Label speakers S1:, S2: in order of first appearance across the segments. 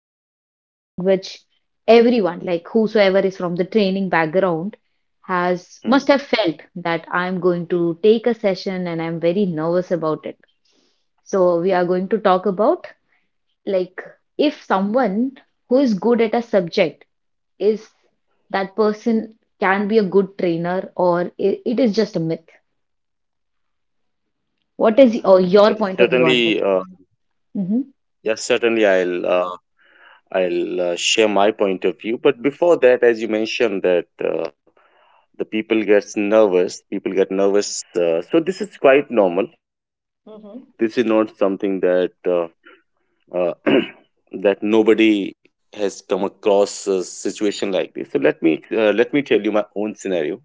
S1: about something which everyone, like whosoever is from the training background, has must have felt that
S2: Mm,
S1: I'm going to take a session and I'm very nervous about it. So we are going to talk about like if someone who is good at a subject is that person can be a good trainer or it is just a myth. What is
S2: okay.
S1: your point of view on
S2: Certainly.
S1: this? Mm-hmm.
S2: Yes. Certainly, I'll share my point of view. But before that, as you mentioned that the people gets nervous. People get nervous. So this is quite normal. This is not something that uh, that nobody has come across a situation like this. So let me tell you my own scenario.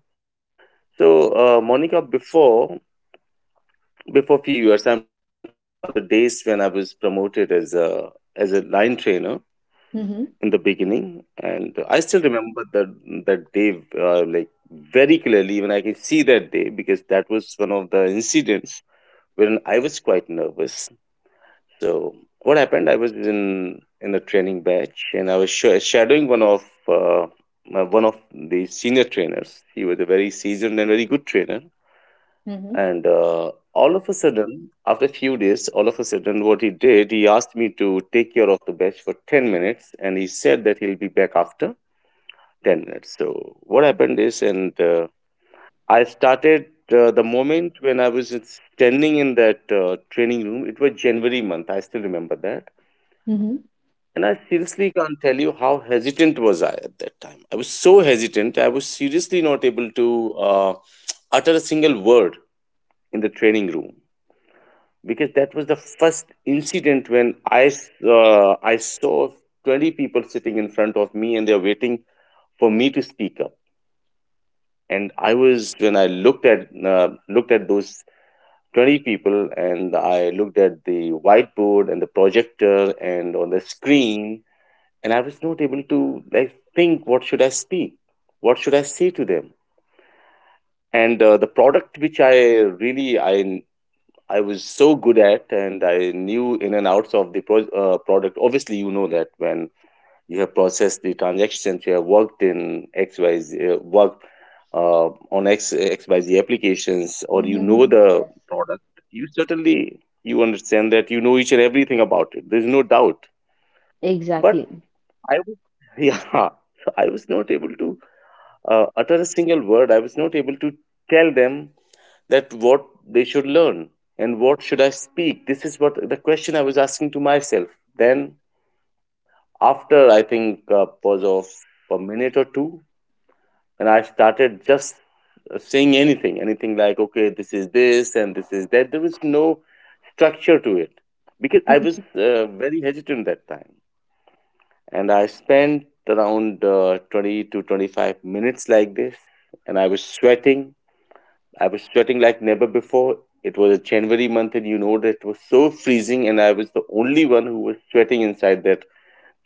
S2: So Monica, before few years, I'm talking about the days when I was promoted as a line trainer
S1: Mm-hmm.
S2: in the beginning, and I still remember the that day, like very clearly. Even I can see that day because that was one of the incidents when I was quite nervous. So what happened? I was in the training batch, and I was shadowing uh, one of the senior trainers. He was a very seasoned and very good trainer.
S1: Mm-hmm.
S2: And all of a sudden, after a few days, all of a sudden, what he did, he asked me to take care of the batch for 10 minutes, and he said that he'll be back after 10 minutes. So what happened is, and I started. The moment when I was standing in that training room, it was January month. I still remember that.
S1: Mm-hmm.
S2: And I seriously can't tell you how hesitant was I at that time. I was so hesitant. I was seriously not able to utter a single word in the training room, because that was the first incident when I saw 20 people sitting in front of me and they're waiting for me to speak up. And I was when I looked at those 20 people, and I looked at the whiteboard and the projector and on the screen, and I was not able to like think what should I speak, what should I say to them. And the product which I really I was so good at, and I knew in and outs of the product. Obviously, you know that when you have processed the transactions, you have worked in XYZ, worked on X Y Z applications, or you know
S1: Mm-hmm.
S2: the
S1: Yes.
S2: product. You certainly you understand that you know each and everything about it. There's no doubt, but
S1: Exactly.
S2: I was, yeah, so I was not able to utter a single word. I was not able to tell them that what they should learn and what should I speak. This is what the question I was asking to myself. Then, after I think a pause of a minute or two, and I started just saying anything, like, okay, this is this and this is that. There was no structure to it, because I was
S1: Mhm.
S2: very hesitant that time. And I spent around 20 to 25 minutes like this. And I was sweating. I was sweating like never before. It was a January month, and you know that it was so freezing, and I was the only one who was sweating inside that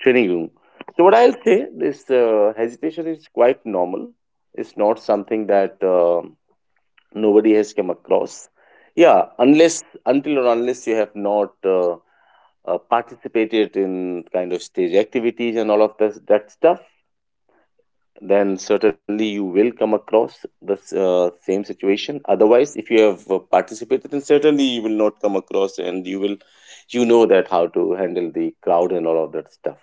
S2: training room. So, what I'll say, this hesitation is quite normal. It's not something that nobody has come across. Yeah, unless, until or unless you have not participated in kind of stage activities and all of this, that stuff, then certainly you will come across the same situation. Otherwise, if you have participated, then certainly you will not come across, and you know that how to handle the crowd and all of that stuff.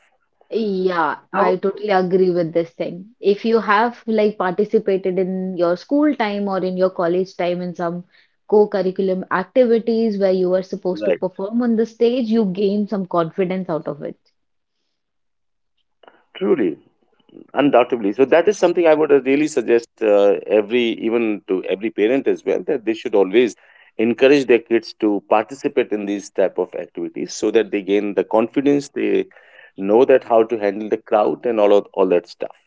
S1: Yeah, I
S2: So,
S1: totally agree with this thing. If you have like participated in your school time or in your college time in some co-curriculum activities where you were
S2: right.
S1: supposed to perform on the stage, you gain some confidence out of it.
S2: Truly, undoubtedly, so that is something I would really suggest, every even to every parent as well, that they should always encourage their kids to participate in these type of activities, so that they gain the confidence, they know that how to handle the crowd and all that stuff.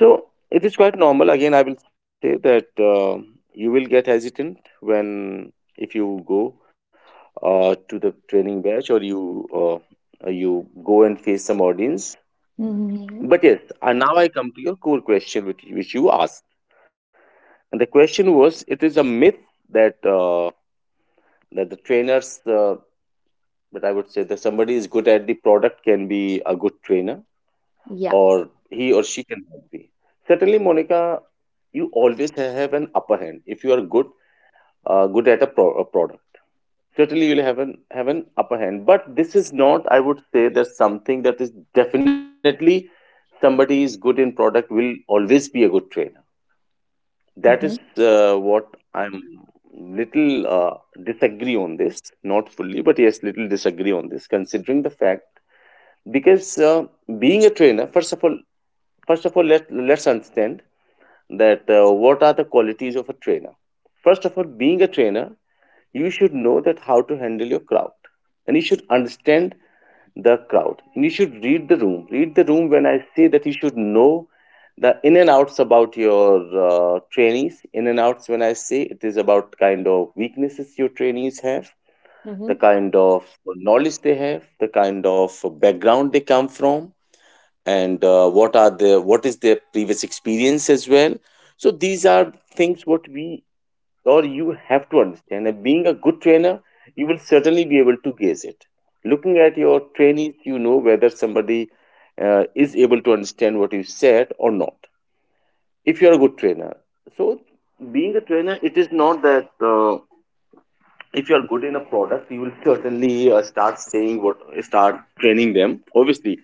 S2: So it is quite normal. Again, I will say that, you will get hesitant when, if you go to the training batch, or you go and face some audience.
S1: Mm-hmm.
S2: But yes, and now I come to your core question, which you asked, and the question was: it is a myth that uh, that the trainers, that I would say that somebody is good at the product can be a good trainer,
S1: Yeah.
S2: or he or she can help me. Certainly, Monica, you always have an upper hand if you are good at a, a product. Certainly, you'll have an upper hand. But this is not, I would say, that something that is definitely somebody is good in product will always be a good trainer. That
S1: Hmm.
S2: is what I'm little disagree on this, not fully, but yes, little disagree on this, considering the fact. Because being a trainer, first of all, let's understand that, what are the qualities of a trainer. First of all, being a trainer, you should know that how to handle your crowd, and you should understand the crowd, and you should read the room. Read the room, when I say that, you should know the in and outs about your trainees. In and outs, when I say, it is about kind of weaknesses your trainees have,
S1: Mm-hmm.
S2: the kind of knowledge they have, the kind of background they come from, and what is their previous experience as well. So these are things what we or you have to understand, and being a good trainer you will certainly be able to gauge it. Looking at your trainees, you know whether somebody is able to understand what you said or not, if you are a good trainer. So, being a trainer, it is not that, if you are good in a product, you will certainly start saying what, start training them. Obviously,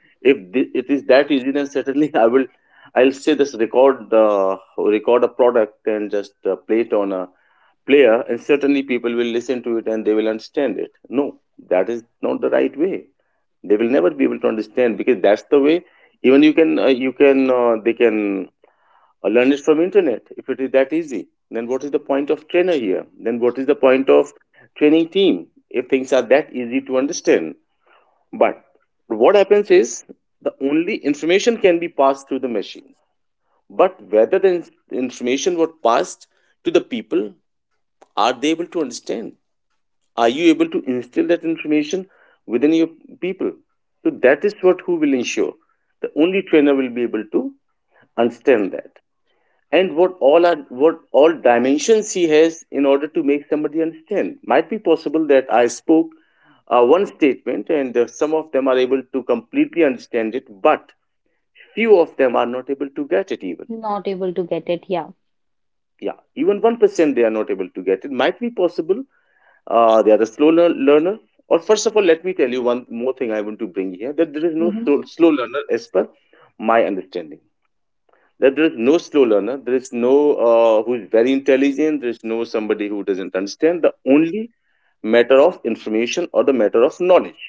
S2: if it is that easy, then certainly I'll say, this record, record a product and just play it on a player, and certainly people will listen to it and they will understand it. No, that is not the right way. They will never be able to understand, because that's the way, even you can they can learn it from internet. If it is that easy, then what is the point of trainer here, then what is the point of training team, if things are that easy to understand? But what happens is, the only information can be passed through the machine. But whether the information was passed to the people, are they able to understand? Are you able to instill that information within your people? So that is what who will ensure. The only trainer will be able to understand that, and what all dimensions he has in order to make somebody understand. Might be possible that I spoke one statement, and some of them are able to completely understand it, but few of them are not able to get it, even
S1: Not able to get it. Yeah.
S2: yeah, even 1% they are not able to get it. Might be possible they are a slow learner. Or, first of all, let me tell you one more thing I want to bring here, that there is no
S1: Mm-hmm.
S2: slow learner, as per my understanding, that there is no slow learner. There is no who is very intelligent. There is no somebody who doesn't understand. The only matter of information or the matter of knowledge.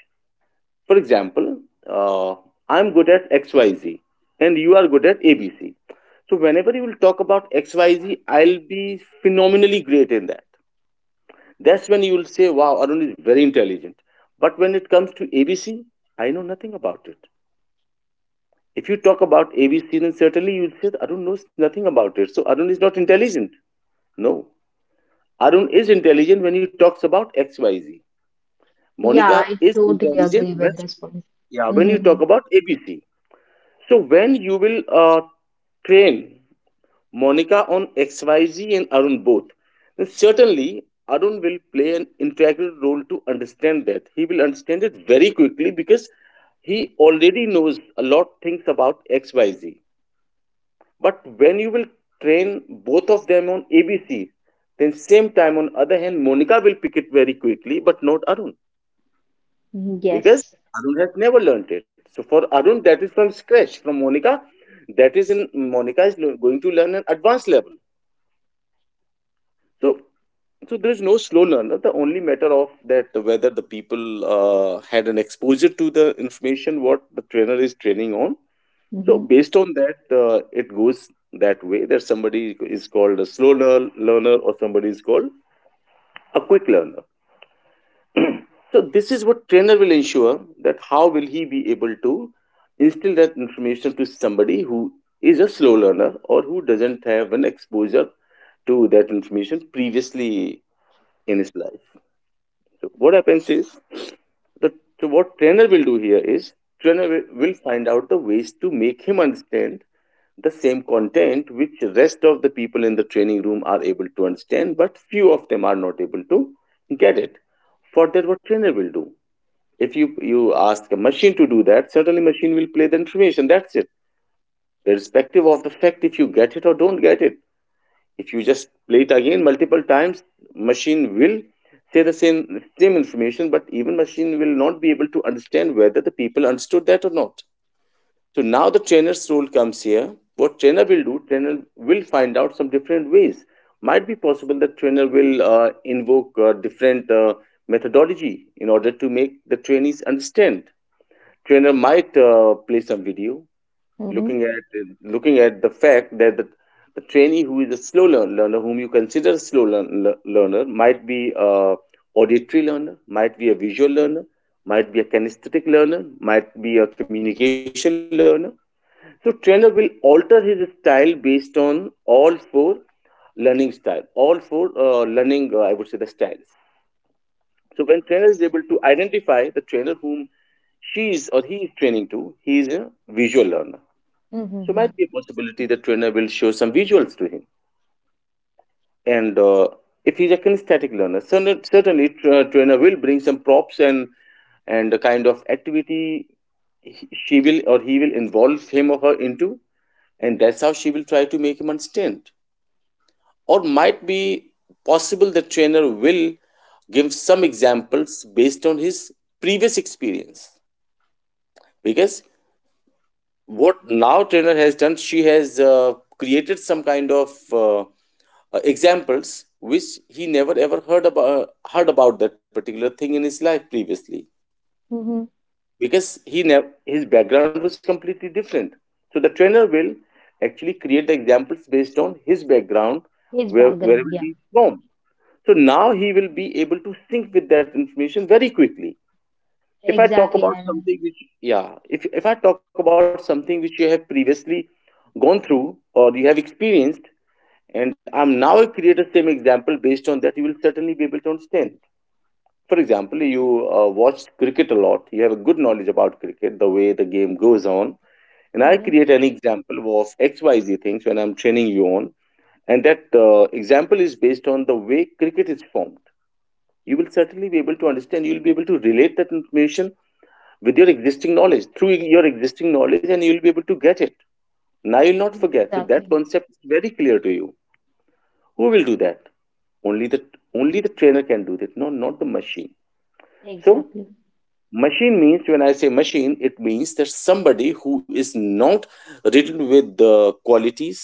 S2: For example, uh, I'm good at XYZ and you are good at ABC. So whenever you will talk about XY, will be phenomenally great in that. That's when you will say, wow, Arun is very intelligent. But when it comes to ABC, I know nothing about it. If you talk about ABC, then certainly you'll say that Arun knows nothing about it. So Arun is not intelligent. No. Arun is intelligent when he talks about XYZ.
S1: Yeah,
S2: Monica
S1: I
S2: is
S1: totally
S2: intelligent
S1: agree
S2: when,
S1: with this point.
S2: yeah, when you
S1: Hmm.
S2: talk about ABC. So when you will train Monica on XYZ and Arun both, then certainly Arun will play an integral role to understand that. He will understand it very quickly, because he already knows a lot things about XYZ. But when you will train both of them on ABC, then same time on other hand, Monica will pick it very quickly, but not Arun, because
S1: Yes.
S2: Arun has never learnt it. So for Arun, that is from scratch. From Monica, that is in, Monica is going to learn an advanced level. So there is no slow learner. The only matter of that whether the people had an exposure to the information what the trainer is training on. So
S1: Hmm.
S2: based on that, it goes that way that somebody is called a learner or somebody is called a quick learner. So this is what trainer will ensure, that how will he be able to instill that information to somebody who is a slow learner or who doesn't have an exposure to that information previously in his life. So what happens is, the so what trainer will do here is, trainer will find out the ways to make him understand the same content which rest of the people in the training room are able to understand, but few of them are not able to get it. For that, what trainer will do, if you ask a machine to do that, certainly machine will play the information, that's it, irrespective of the fact if you get it or don't get it. If you just play it again multiple times, machine will say the same information, but even machine will not be able to understand whether the people understood that or not. So now the trainer's role comes here. What trainer will do, trainer will find out some different ways. Might be possible that trainer will invoke different methodology in order to make the trainees understand. Trainer might play some video,
S1: Mm-hmm.
S2: looking at the fact that the trainee who is a learner, whom you consider a learner, might be a auditory learner, might be a visual learner, might be a kinesthetic learner, might be a communication learner. So trainer will alter his style based on all four learning style, all four learning, I would say, the styles. So when trainer is able to identify the trainer whom she is or he is training to, he is a visual learner.
S1: Mm-hmm.
S2: So
S1: Mm-hmm.
S2: might be a possibility the trainer will show some visuals to him. And if he's a kinesthetic learner, certainly trainer will bring some props and the kind of activity she will or he will involve him or her into, and that's how she will try to make him understand. Or might be possible the trainer will give some examples based on his previous experience, because what now trainer has done, she has created some kind of examples which he never ever heard about that particular thing in his life previously,
S1: Mm-hmm.
S2: because he never, his background was completely different. So the trainer will actually create the examples based on his background,
S1: His
S2: wherever
S1: background.
S2: he is from. So now he will be able to sync with that information very quickly. If I talk
S1: Exactly,
S2: about
S1: and
S2: something which, yeah, if I talk about something which you have previously gone through or you have experienced, and I'm now create the same example based on that, you will certainly be able to understand. For example, you watched cricket a lot, you have a good knowledge about cricket, the way the game goes on, and I
S1: Mhm.
S2: create an example of XYZ things when I'm training you on, and that example is based on the way cricket is formed. You will certainly be able to understand, you'll be able to relate that information with your existing knowledge, through your existing knowledge, and you'll be able to get it. Now you'll not forget, so that
S1: Exactly,
S2: concept is very clear to you. Who will do that? Only the, only the trainer can do that. No, not the machine. So
S1: exactly.
S2: machine means, when I say machine, it means that somebody who is not ridden with the qualities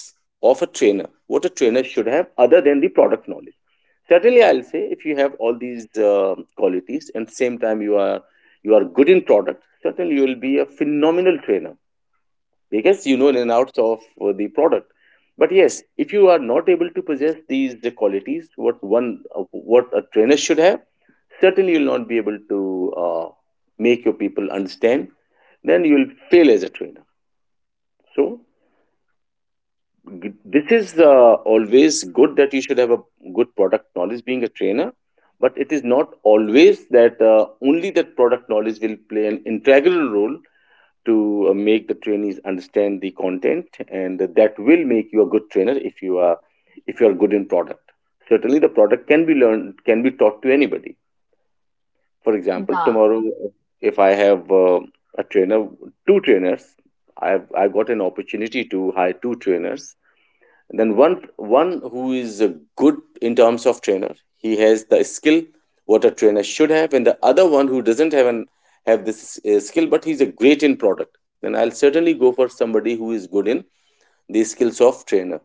S2: of a trainer, what a trainer should have other than the product knowledge. Certainly I'll say, if you have all these qualities, and same time you are, you are good in product, certainly you will be a phenomenal trainer, because you know in and outs of the product. But yes, if you are not able to possess these, the qualities, what one uh, what a trainer should have, certainly you'll not be able to uh, make your people understand. Then you'll fail as a trainer. So this is always good that you should have a good product knowledge being a trainer, but it is not always that only that product knowledge will play an integral role to make the trainees understand the content, and that will make you a good trainer. If you are, if you are good in product, certainly the product can be learned, can be taught to anybody. For example,
S1: Yeah,
S2: tomorrow if I have a trainer, two trainers, I have got an opportunity to hire two trainers, and then one, one who is good in terms of trainer, he has the skill what a trainer should have, and the other one who doesn't have an, have this skill but he's a great in product. Then I'll certainly go for somebody who is good in the skills of trainer.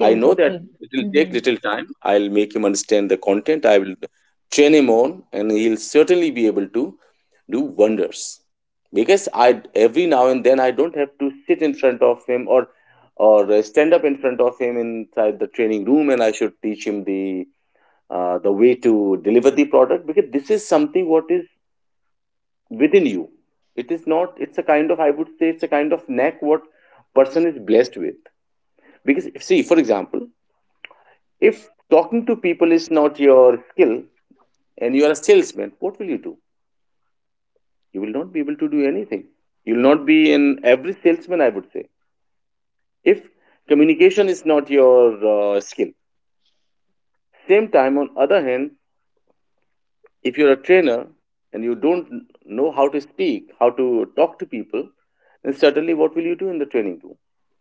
S2: I know
S1: of
S2: that
S1: training.
S2: it will
S1: Hmm.
S2: take little time. I'll make him understand the content. I will train him on, and he'll certainly be able to do wonders, because I, every now and then I don't have to sit in front of him, or stand up in front of him inside the training room and I should teach him the way to deliver the product, because this is something what is within you. It is not. It's a kind of, I would say, it's a kind of knack what person is blessed with. Because if, see, for example, if talking to people is not your skill and you are a salesman, what will you do? You will not be able to do anything. You will not be in, every salesman I would say, if communication is not your skill. Same time on other hand, if you're a trainer and you don't know how to speak, how to talk to people, then certainly what will you do in the training room?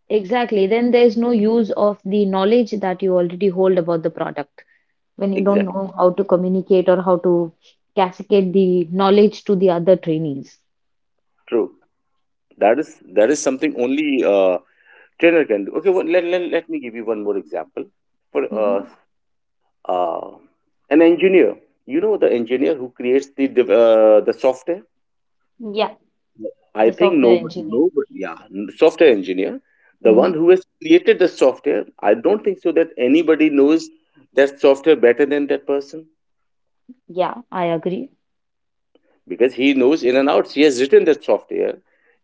S1: Exactly. Then there's no use of the knowledge that you already hold about the product when you don't know
S2: Exactly,
S1: how to communicate or how to cascade the knowledge to the other trainees.
S2: true. That is, that is something only uh, trainer can do. Okay, let me give you one more example for
S1: Hmm.
S2: uh, an engineer. You know, the engineer who creates the the software.
S1: Yeah,
S2: I
S1: the
S2: think
S1: software
S2: no,
S1: engineer.
S2: nobody. Yeah, software engineer, the one
S1: Hmm.
S2: who has created the software. I don't think so that anybody knows that software better than that person,
S1: Yeah, I agree.
S2: because he knows in and out. He has written that software,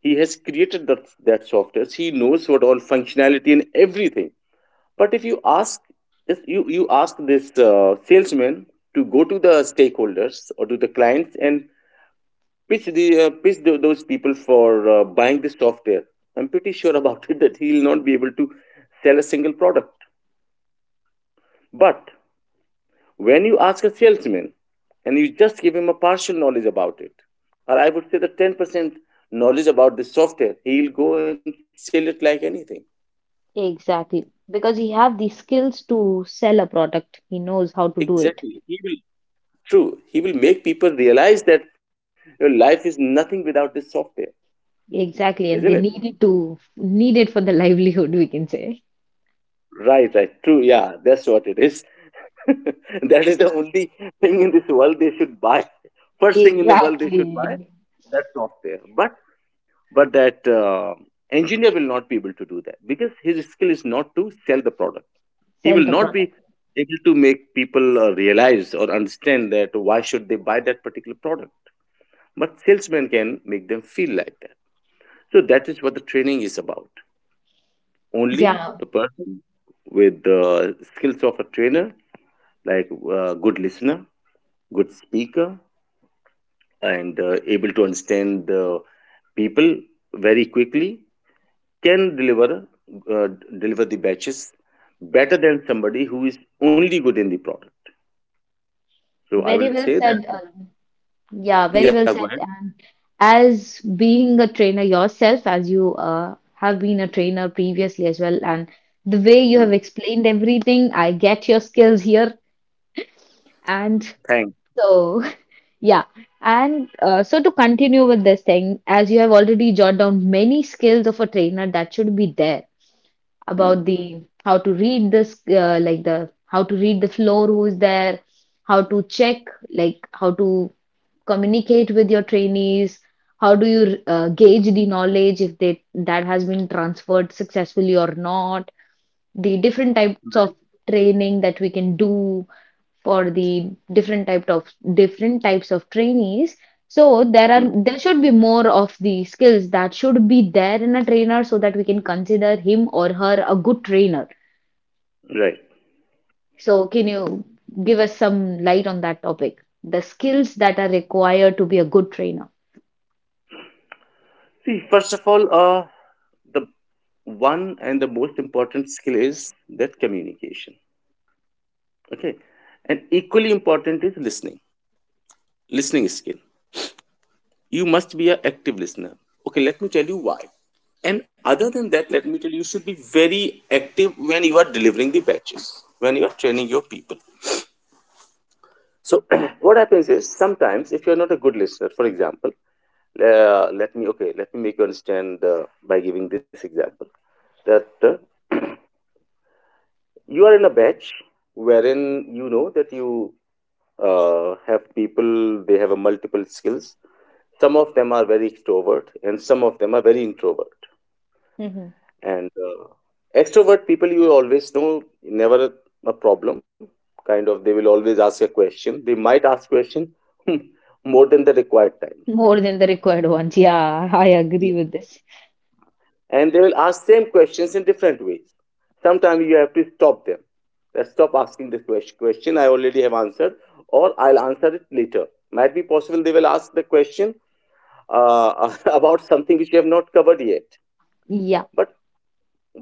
S2: he has created that software. He knows what all functionality and everything. But if you ask, if you ask this salesman to go to the stakeholders or to the clients and pitch those people for buying the software, I'm pretty sure about it that he'll not be able to sell a single product. But when you ask a salesman and you just give him a partial knowledge about it, or I would say the 10% knowledge about the software, he'll go and sell it like anything.
S1: Exactly. Because he have the skills to sell a product. He knows how to do it.
S2: Exactly, he will, true, he will make people realize that your life is nothing without this software.
S1: Exactly,
S2: Isn't
S1: and they
S2: it?
S1: need it to need it for the livelihood, we can say.
S2: Right, right, true, yeah, that's what it is. That is the only thing in this world they should buy. First thing in the world they
S1: Exactly.
S2: should buy, that software. But that engineer will not be able to do that, because his skill is not to sell the product. He
S1: Sell
S2: will
S1: the
S2: not be
S1: product.
S2: able to make people realize or understand that why should they buy that particular product. But salesman can make them feel like that. So that is what the training is about. Only
S1: Yeah,
S2: the person with the skills of a trainer, like good listener, good speaker, and able to understand the people very quickly, can deliver uh, deliver the batches better than somebody who is only good in the product. So I
S1: very
S2: will
S1: well
S2: say,
S1: said.
S2: yeah.
S1: Yeah, very
S2: Yeah,
S1: well
S2: go ahead.
S1: said. And as being a trainer yourself, as you have been a trainer previously as well, and the way you
S2: Hmm,
S1: have explained everything, I get your skills here. And
S2: thanks.
S1: so, yeah. And so to continue with this thing, as you have already jotted down many skills of a trainer that should be there.
S2: Hmm.
S1: About the how to read this like the how to read the floor, who's there, how to check, like how to communicate with your trainees, how do you gauge the knowledge if they that has been transferred successfully or not, the different types
S2: Right.
S1: of training that we can do for the different type of different types of trainees. So there
S2: Hmm.
S1: are, there should be more of the skills that should be there in a trainer so that we can consider him or her a good trainer.
S2: Right.
S1: So can you give us some light on that topic? The skills that are required to be a good trainer.
S2: See, first of all, the one and the most important skill is that communication. Okay, and equally important is listening. Listening skill, you must be an active listener. Okay, let me tell you why. And other than that, let me tell you, you should be very active when you are delivering the batches, when you are training your people. So what happens is, sometimes if you are not a good listener, for example, let me, okay, let me make you understand by giving this example, that you are in a batch wherein you know that you have people, they have a multiple skills, some of them are very extrovert and some of them are very introvert.
S1: Hmm.
S2: And extrovert people you always know, never a problem, kind of, they will always ask a question, they might ask question more than the required time.
S1: More than the required ones. Yeah, I agree
S2: Yeah.
S1: with this.
S2: And they will ask same questions in different ways. Sometimes you have to stop them, that stop asking this question I already have answered, or I'll answer it later. Might be possible they will ask the question uh, about something which you have not covered yet.
S1: Yeah.
S2: but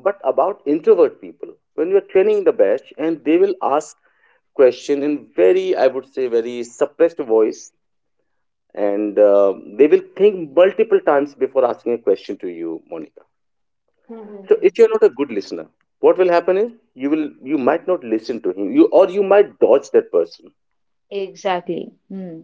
S2: but about introvert people, when you are training the batch and they will ask question in very, I would say, very suppressed voice, and they will think multiple times before asking a question to you, Monica. So
S1: Hmm.
S2: if you're not a good listener, what will happen is you might not listen to him, you, or you might dodge that person.
S1: Exactly. Hmm.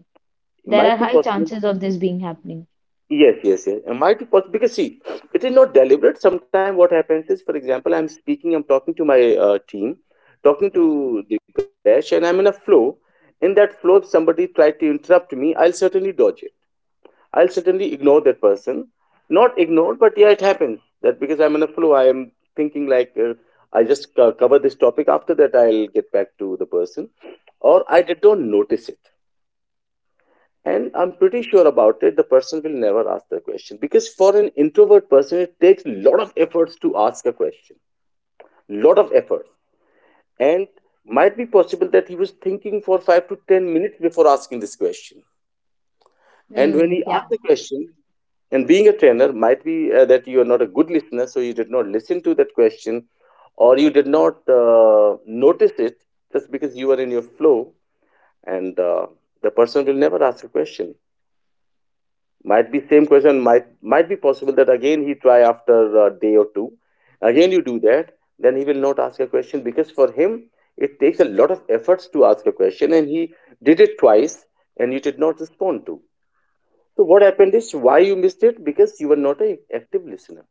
S2: It
S1: There are
S2: might be
S1: high
S2: possible.
S1: chances of this being happening.
S2: Yes, yes, yes. It might be possible because see, it is not deliberate. Sometimes what happens is, for example, I'm speaking, I'm talking to my team, talking to the Dipesh, and I'm in a flow. In that flow, if somebody tried to interrupt me, I'll certainly dodge it. I'll certainly ignore that person. Not ignore, but yeah, it happens that because I'm in a flow, I am thinking like I just cover this topic. After that, I'll get back to the person, or I did not notice it. And I'm pretty sure about it. The person will never ask the question because for an introvert person, it takes lot of efforts to ask a question. Lot of efforts, and might be possible that he was thinking for 5 to 10 minutes before asking this question. And when
S1: Hmm.
S2: he asked
S1: Yeah.
S2: the question, and being a trainer, might be that you are not a good listener, so you did not listen to that question, or you did not notice it just because you were in your flow, and the person will never ask a question. Might be same question, might be possible that again he try after a day or two. Again you do that, then he will not ask a question because for him it takes a lot of efforts to ask a question, and he did it twice and you did not respond to. So what happened is why you missed it, because you were not an active listener.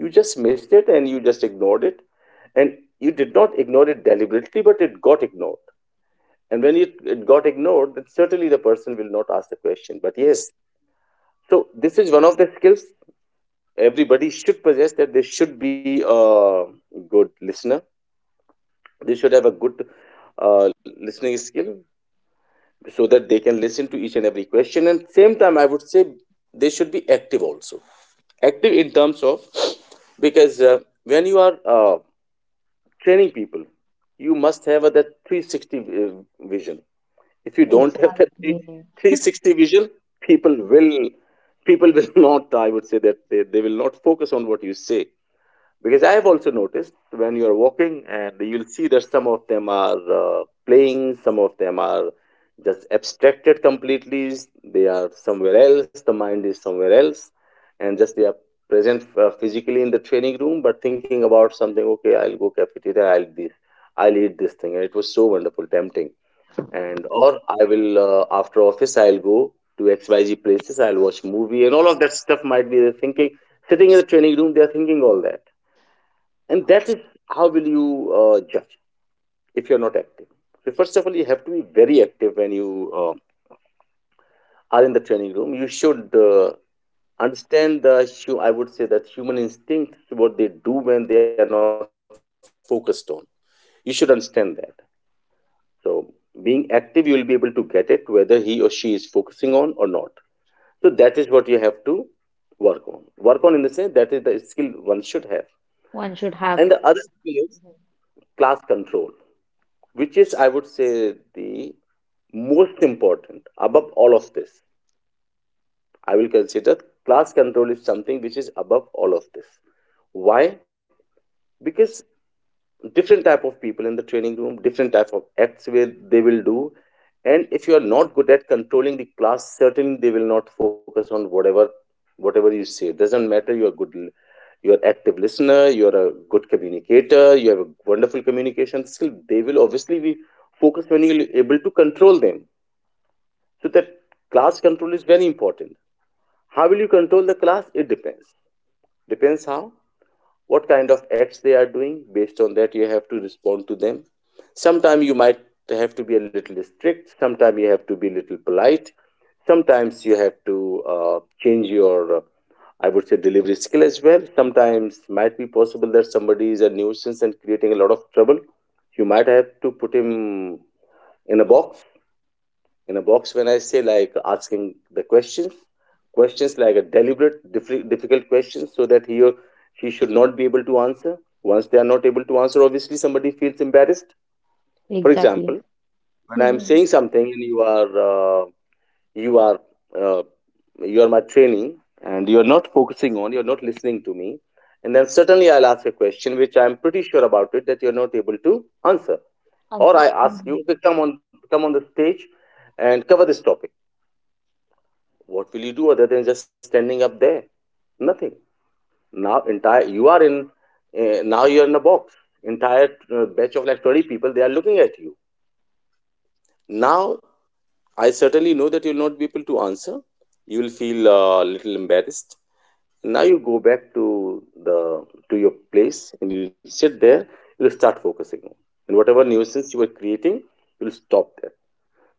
S2: You just missed it and you just ignored it. And you did not ignore it deliberately, but it got ignored. And when it got ignored, then certainly the person will not ask the question. But yes, so this is one of the skills everybody should possess, that they should be a good listener. They should have a good listening skill so that they can listen to each and every question. And same time, I would say they should be active also. Active in terms of, because when you are training people, you must have a, that 360 vision. If you don't have that 3
S1: Exactly.
S2: 360 vision, people will people will not, I would say that they will not focus on what you say, because I have also noticed when you are walking and you'll see that some of them are playing, some of them are just abstracted completely. They are somewhere else, the mind is somewhere else, and just they are present physically in the training room, but thinking about something, okay, I'll go cafeteria, I'll eat this thing and it was so wonderful tempting. And or I will after office, I'll go to XYZ places, I'll watch movie and all of that stuff, might be the thinking, sitting in the training room, they are thinking all that. And that is, how will you judge if you're not active? So first of all, you have to be very active when you are in the training room. You should understand I would say that human instinct, what they do when they are not focused on. You should understand that. So being active, you will be able to get it whether he or she is focusing on or not. So that is what you have to work on. Work on in the sense that is the skill one should have.
S1: One should
S2: And the
S1: have
S2: other skill is class control, which is, I would say, the most important above all of this. I will consider class control is something which is above all of this. Why? Because different type of people in the training room, different type of acts will they will do, and if you are not good at controlling the class, certainly they will not focus on whatever you say. It doesn't matter. You are good. You are active listener. You are a good communicator. You have a wonderful communication skill. They will obviously be focused when you're able to control them. So that class control is very important. How will you control the class? It depends. Depends how, what kind of acts they are doing. Based on that, you have to respond to them. Sometimes you might have to be a little strict. Sometimes you have to be a little polite. Sometimes you have to change your, I would say, delivery skill as well. Sometimes might be possible that somebody is a nuisance and creating a lot of trouble. You might have to put him in a box. In a box, when I say, like asking the questions, like a deliberate difficult questions, so that he or she should not be able to answer. Once they are not able to answer, obviously somebody feels embarrassed. For
S1: exactly
S2: example, when I am saying something and you are uh, you are my trainee and you are not focusing on, you are not listening to me, and then certainly I'll ask a question which I'm pretty sure about it that you're not able to answer. Or
S1: answer.
S2: I ask
S1: Mhm.
S2: you to come on the stage and cover this topic. What will you do other than just standing up there? Nothing. Now entire you are in now you are in a box. Entire batch of like 20 people, they are looking at you. Now I certainly know that you will not be able to answer. You will feel a little embarrassed. Now you go back to the to your place and you sit there. You'll start focusing on, and whatever nuisance you were creating, you'll stop there.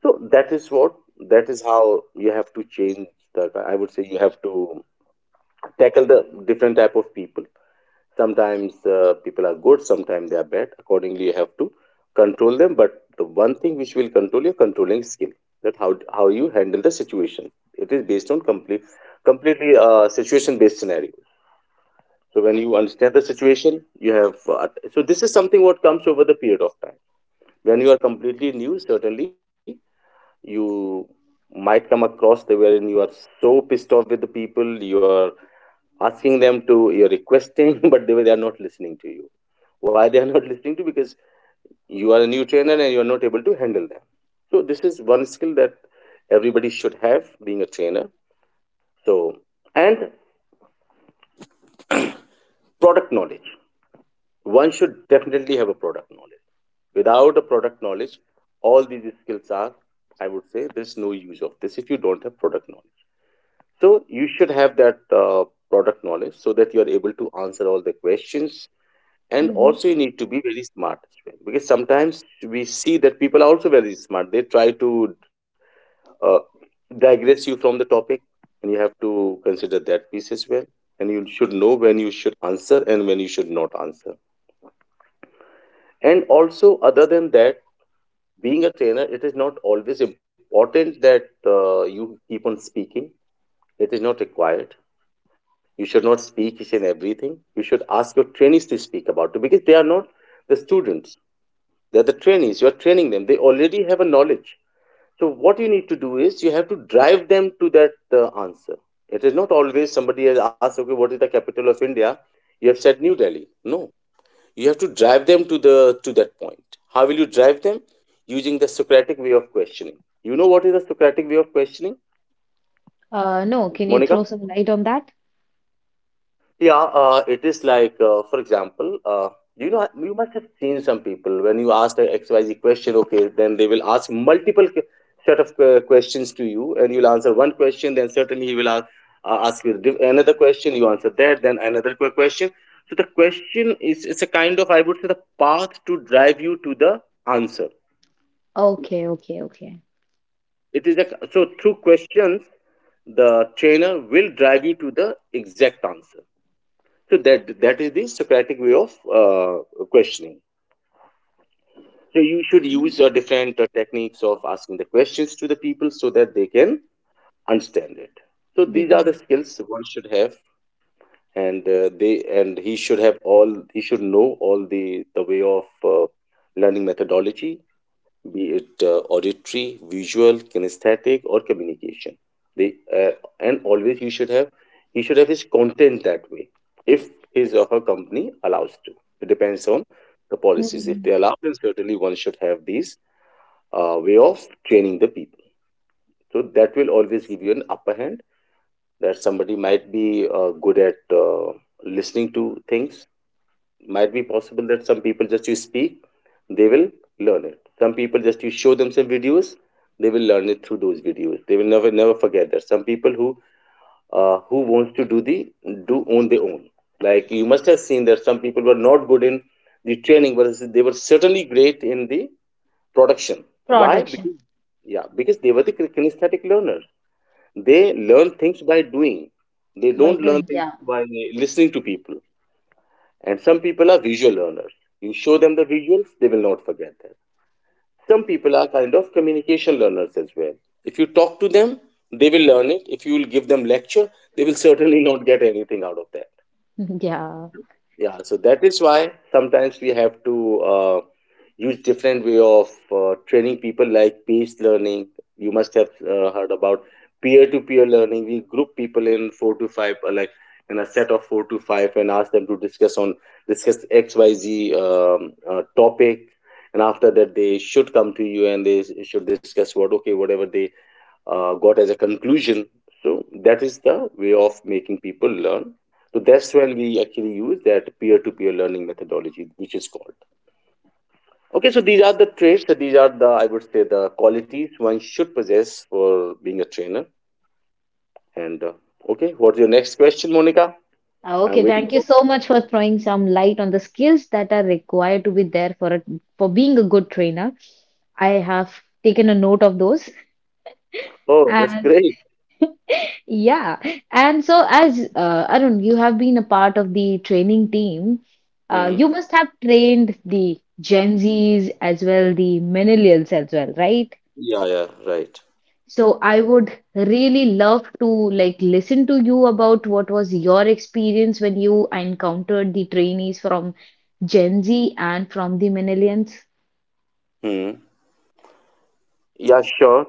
S2: So that is how you have to change the. I would say you have to tackle the different type of people. Sometimes people are good, sometimes they are bad, accordingly you have to control them. But the one thing which will control your controlling skill, that how you handle the situation, it is based on completely situation based scenario. So when you understand the situation, you have so this is something what comes over the period of time. When you are completely new, certainly you might come across the wherein you are so pissed off with the people, you are asking them to you're requesting but they are not listening to you. Why they are not listening to? Because you are a new trainer and you are not able to handle them. So this is one skill that everybody should have, being a trainer. So and product knowledge, one should definitely have a product knowledge. Without a product knowledge, all these skills are, I would say, there's no use of this if you don't have product knowledge. So you should have that product knowledge so that you are able to answer all the questions. And
S1: Hmm.
S2: also you need to be very smart as well, because sometimes we see that people are also very smart, they try to uh, digress you from the topic. And you have to consider that piece as well, and you should know when you should answer and when you should not answer. And also, other than that, being a trainer, it is not always important that you keep on speaking. It is not required. You should not speak each and everything. You should ask your trainees to speak about it, because they are not the students. They're the trainees. You're training them. They already have a knowledge. So what you need to do is you have to drive them to that answer. It is not always somebody has asked, okay, what is the capital of India? You have said New Delhi. No, you have to drive them to the to that point. How will you drive them? Using the Socratic way of questioning. You know what is the Socratic way of questioning,
S1: No, can you throw
S2: Monica?
S1: some light on that?
S2: Yeah, it is like, for example, you must have seen some people when you ask the XYZ question, okay, then they will ask set of questions to you, and you'll answer one question, then certainly he will ask, ask you another question, you answer that, then another question. So the question is it's a kind of, I would say, the path to drive you to the answer.
S1: Okay, okay, okay.
S2: It is a, so through questions, the trainer will drive you to the exact answer. So that is the Socratic way of uh, questioning. So you should use
S1: Mm.
S2: different techniques of asking the questions to the people so that they can understand it. So
S1: They
S2: these
S1: can
S2: are the
S1: answer.
S2: skills one should have, and they and he should have all he should know all the way of learning methodology, be it auditory, visual, kinesthetic, or communication. They and always he should have his content that way if his or her company allows to. It depends on the policies. If
S1: Hmm.
S2: they allow, then certainly one should have these way of training the people. So that will always give you an upper hand that somebody might be good at listening to things. Might be possible that some people, just you speak, they will learn it. Some people, just you show them some videos, they will learn it through those videos, they will never forget that. Some people who wants to do the, do on their own, like you must have seen that some people were not good in the training but they were certainly great in the production. Why?
S1: Production
S2: Because yeah, because they were the kinesthetic learner, they learn things by doing, they
S1: by
S2: don't learn
S1: doing.
S2: things
S1: Yeah.
S2: by listening to people. And some people are visual learners. You show them the visuals, they will not forget them. Some people are kind of communication learners as well. If you talk to them, they will learn it. If you will give them lecture, they will certainly not get anything out of that.
S1: Yeah.
S2: Yeah, so that is why sometimes we have to use different way of training people, like peace learning. You must have heard about peer-to-peer learning. We group people in four to five, like in a set of four to five, and ask them to discuss XYZ topic. And after that, they should come to you and they should discuss what, okay, whatever they got as a conclusion. So that is the way of making people learn. So that's when we actually use that peer-to-peer learning methodology, which is called. Okay, so these are the traits. So these are the, I would say, the qualities one should possess for being a trainer. And okay, what's your next question, Monica? I'm
S1: Okay,
S2: waiting
S1: thank you
S2: for.
S1: so much for throwing some light on the skills that are required to be there for a, for being a good trainer. I have taken a note of those.
S2: Oh, that's
S1: And
S2: great.
S1: yeah. And so, as Arun, you have been a part of the training team,
S2: Hmm.
S1: you must have trained the Gen Zs as well, the millennials as well, right?
S2: Yeah, yeah, right.
S1: So, I would really love to like listen to you about what was your experience when you encountered the trainees from Gen Z and from the millennials.
S2: Hmm. Yeah, sure.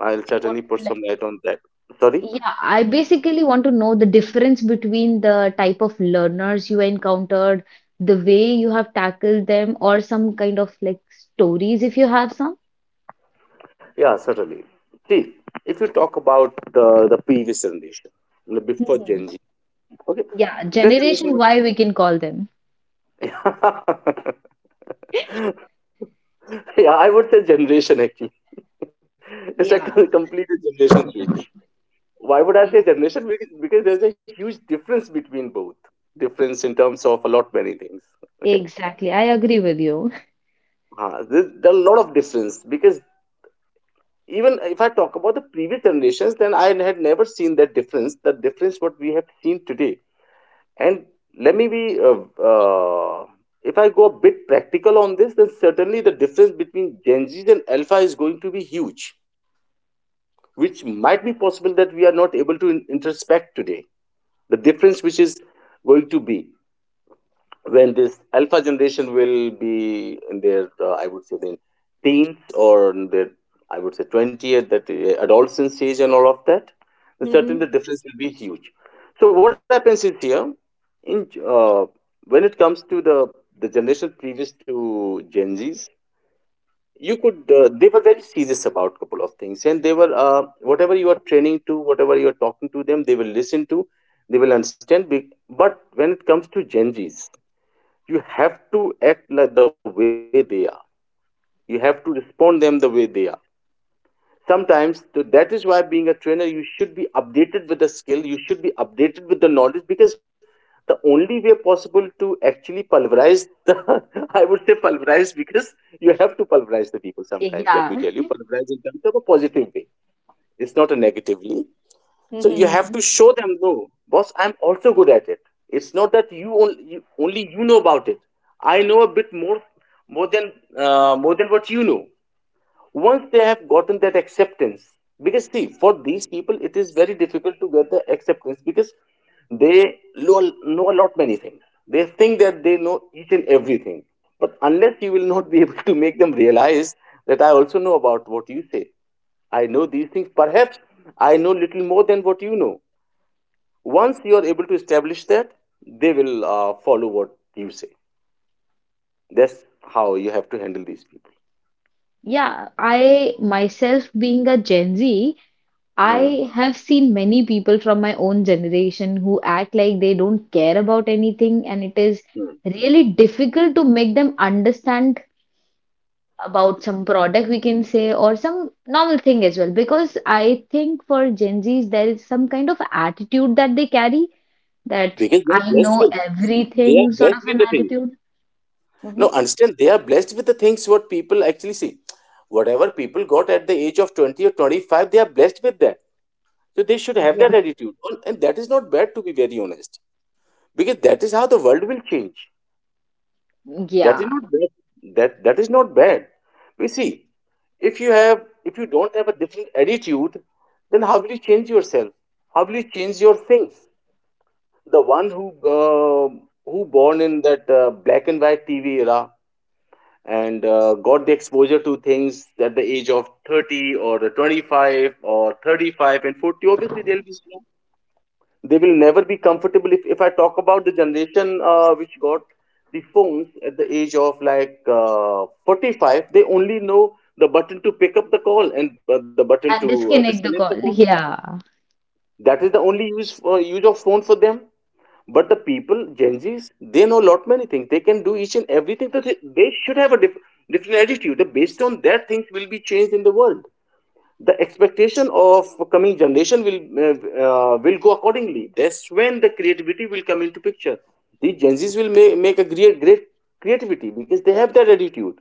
S2: I'll
S1: What?
S2: certainly put some light on that. Sorry.
S1: Yeah, I basically want to know the difference between the type of learners you encountered, the way you have tackled them, or some kind of like stories if you have some.
S2: Yeah, certainly. See, if you talk about the previous generation, before Gen
S1: Mhm.
S2: Z, okay,
S1: Yeah,
S2: their generation
S1: generation Y we can call them.
S2: was. Yeah, I would say generation actually. It's like a
S1: Yeah,
S2: complete generation switch. Why would I
S1: yeah,
S2: say generation? Because there's a huge difference between both. Difference in terms of a lot many things. Okay,
S1: exactly. I agree with you.
S2: there are a lot of difference, because even if I talk about the previous generations, then I had never seen that difference, the difference what we have seen today. And let me be, if I go a bit practical on this, then certainly the difference between Gen Z and Alpha is going to be huge, which might be possible that we are not able to introspect today. The difference which is going to be when this alpha generation will be in their I would say then teens, or in their I would say 20th, that adolescence age and all of that, then certainly
S1: Mhm.
S2: the difference will be huge. So what happens is here in uh, when it comes to the generation previous to Gen Z's, you could they were very serious about couple of things and they were whatever you are training to, whatever you are talking to them, they will listen to, they will understand. But when it comes to Gen Z's, you have to act like the way they are. You have to respond them the way they are. Sometimes, so that is why being a trainer, you should be updated with the skill. You should be updated with the knowledge, because the only way possible to actually pulverize the, I would say pulverize, because you have to pulverize the people sometimes.
S1: Yeah.
S2: Let me tell you, pulverize in terms of a positive way. It's not a negatively. So you have
S1: Mhm.
S2: to show them, no, boss, I'm also good at it. It's not that you only, only you know about it. I know a bit more than more than what you know. Once they have gotten that acceptance, because see, for these people, it is very difficult to get the acceptance because they know a lot many things. They think that they know each and everything, but unless you will not be able to make them realize that I also know about what you say. I know these things. Perhaps I know little more than what you know. Once you are able to establish that, they will follow what you say. That's how you have to handle these people.
S1: Yeah, I myself being a Gen Z,
S2: Hmm.
S1: I have seen many people from my own generation who act like they don't care about anything, and it is
S2: Hmm.
S1: really difficult to make them understand about some product, we can say, or some normal thing as well. Because I think for Gen Zs, there is some kind of attitude that they carry that
S2: Because they are
S1: I
S2: blessed
S1: know
S2: with, see, they are
S1: everything sort
S2: blessed
S1: of
S2: with
S1: an
S2: the things.
S1: attitude. Hmm.
S2: No, understand, they are blessed with the things what people actually see. Whatever people got at the age of 20 or 25, they are blessed with that. So they should have that
S1: Yeah.
S2: attitude. And that is not bad, to be very honest, because that is how the world will change. That is not
S1: Yeah,
S2: bad, that is not bad. We see, if you have, if you don't have a different attitude, then how will you change yourself? How will you change your things? The one uh, who born in that black and white TV era and got the exposure to things at the age of 30 or the 25 or 35 and 40, obviously they'll be, they will never be comfortable. If I talk about the generation which got the phones at the age of like 45, they only know the button to pick up the call and the button
S1: and
S2: to
S1: disconnect
S2: disconnect
S1: the
S2: the call.
S1: call. Yeah,
S2: That is the only use of phone for them. But the people Gen Z's, they know lot many things, they can do each and everything. So they should have a different attitude. Based on that, things will be changed in the world. The expectation of coming generation uh, will go accordingly. That's when the creativity will come into picture. The Gen Z's will make a great creativity because they have that attitude,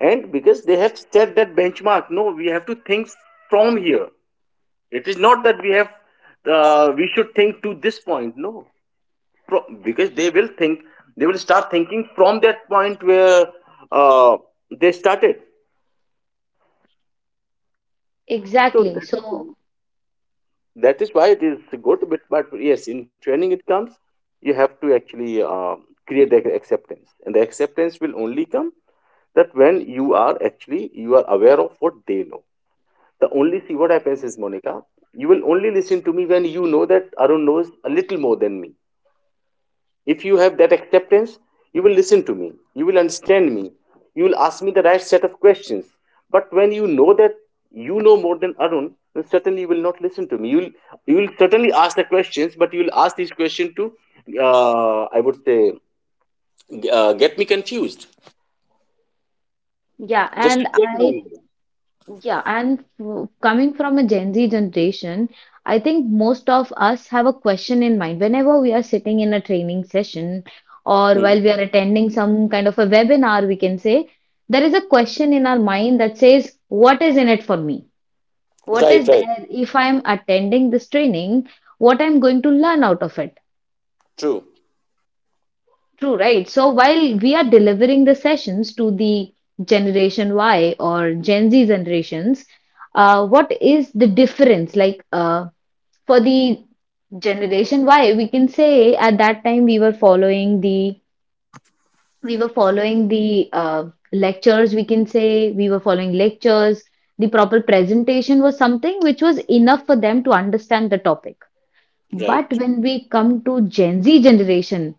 S2: and because they have set that benchmark. No, we have to think from here, it is not that we have we should think to this point. No, because they will think, they will start thinking from that point where uh, they started. So that
S1: exactly.
S2: is why,
S1: So,
S2: it is good, but yes, in training it comes, you have to actually create the acceptance, and the acceptance will only come that when you are actually you are aware of what they know. The only, see what happens is, Monica, you will only listen to me when you know that Arun knows a little more than me. If you have that acceptance, you will listen to me, you will understand me, you will ask me the right set of questions. But when you know that you know more than Arun, then certainly you will not listen to me. You will certainly ask the questions, but you will ask these questions to, I would say, get me confused.
S1: yeah,
S2: Just to
S1: and
S2: check my
S1: I
S2: knowledge.
S1: yeah, and coming from a Gen Z generation, I think most of us have a question in mind. Whenever we are sitting in a training session or while
S2: Mhm.
S1: we are attending some kind of a webinar, we can say there is a question in our mind that says, What is in it for me? What
S2: Right,
S1: is
S2: right.
S1: there if I'm attending this training? What I'm going to learn out of it?
S2: True.
S1: True, right? So while we are delivering the sessions to the Generation Y or Gen Z generations, what is the difference? For the Generation Y, we can say at that time we were following the lectures. We can say we were following lectures. The proper presentation was something which was enough for them to understand the topic. But
S2: Right.
S1: when we come to Gen Z generation,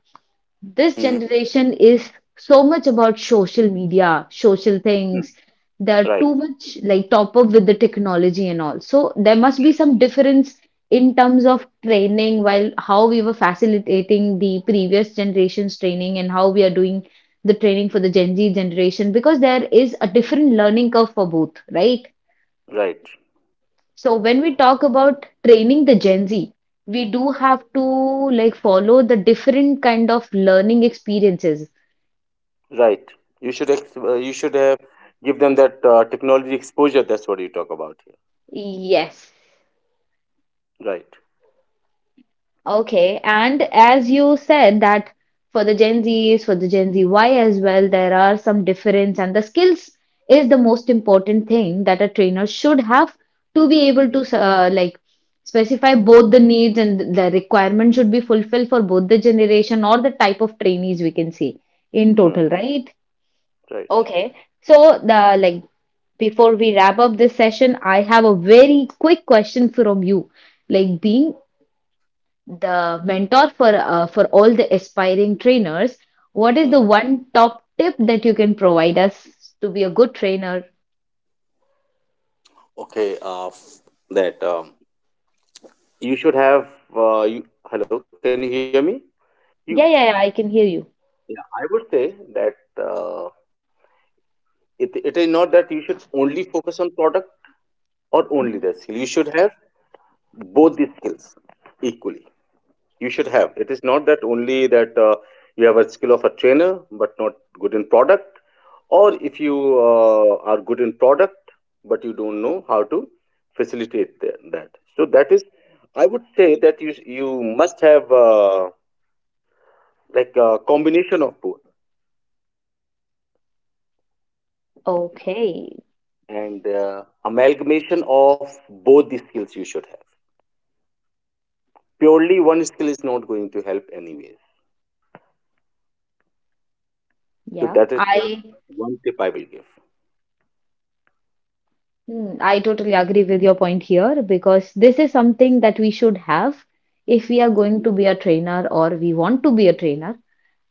S1: this
S2: Mhm.
S1: generation is so much about social media, social
S2: Mm.
S1: things. They're
S2: Right,
S1: too much like top up with the technology and all. So there must be some difference in terms of training while how we were facilitating the previous generation's training and how we are doing the training for the Gen Z generation because there is a different learning curve for both, right?
S2: right,
S1: So when we talk about training the Gen Z, we do have to like follow the different kind of learning experiences.
S2: right. You should you should have give them that technology exposure. That's what you talk about here.
S1: Yes.
S2: Right.
S1: Okay. And as you said that for the Gen Zs, for the Gen Z Y as well, there are some difference and the skills is the most important thing that a trainer should have to be able to like specify both the needs and the requirement should be fulfilled for both the generation or the type of trainees we can see in
S2: Hmm.
S1: total, right?
S2: Right.
S1: Okay. So the like before we wrap up this session, I have a very quick question from you. Like being the mentor for all the aspiring trainers, what is the
S2: Mhm.
S1: one top tip that you can provide us to be a good trainer?
S2: Okay. F- that you should have. You Hello. Can you hear me? You.
S1: Yeah, yeah, yeah, I can hear you.
S2: Yeah. I would say that uh, it is not that you should only focus on product or only
S1: Mhm.
S2: the skill. You should have both the skills equally. You should have. It is not that only that you have a skill of a trainer but not good in product, or if you are good in product but you don't know how to facilitate that. So that is, I would say, that you must have like a combination of both,
S1: Okay.
S2: and amalgamation of both the skills you should have. Purely one skill is not going to help anyways. So
S1: Yeah.
S2: that is what, one tip I will give.
S1: I totally agree with your point here because this is something that we should have if we are going to be a trainer or we want to be a trainer.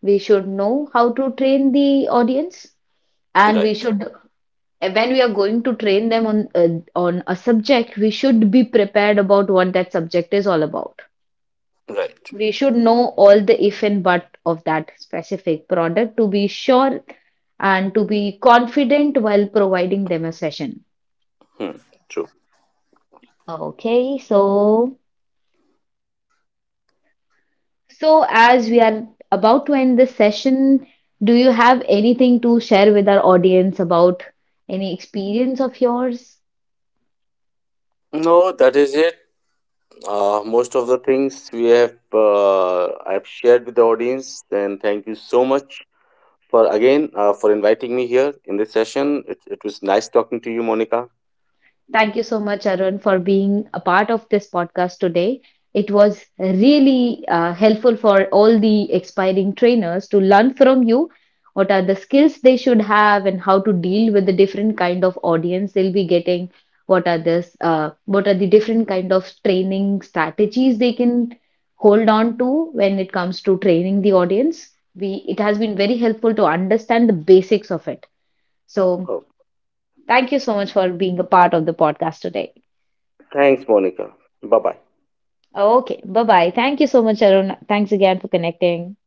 S1: We should know how to train the audience, and we
S2: Right.
S1: should, when we are going to train them on a subject, we should be prepared about what that subject is all about.
S2: Right.
S1: We should know all the if and but of that specific product to be sure and to be confident while providing them a session.
S2: Hmm. True.
S1: Okay, so, so as we are about to end this session, do you have anything to share with our audience about any experience of yours?
S2: No, that is it. Most of the things we have I've shared with the audience. And thank you so much for again for inviting me here in this session. It was nice talking to you, Monica.
S1: Thank you so much, Arun, for being a part of this podcast today. It was really helpful for all the aspiring trainers to learn from you what are the skills they should have and how to deal with the different kind of audience they'll be getting. What are this? What are the different kind of training strategies they can hold on to when it comes to training the audience? We it has been very helpful to understand the basics of it. So
S2: Oh,
S1: thank you so much for being a part of the podcast today.
S2: thanks, Monica. Bye bye.
S1: Okay, bye bye. Thank you so much, Arun. Thanks again for connecting.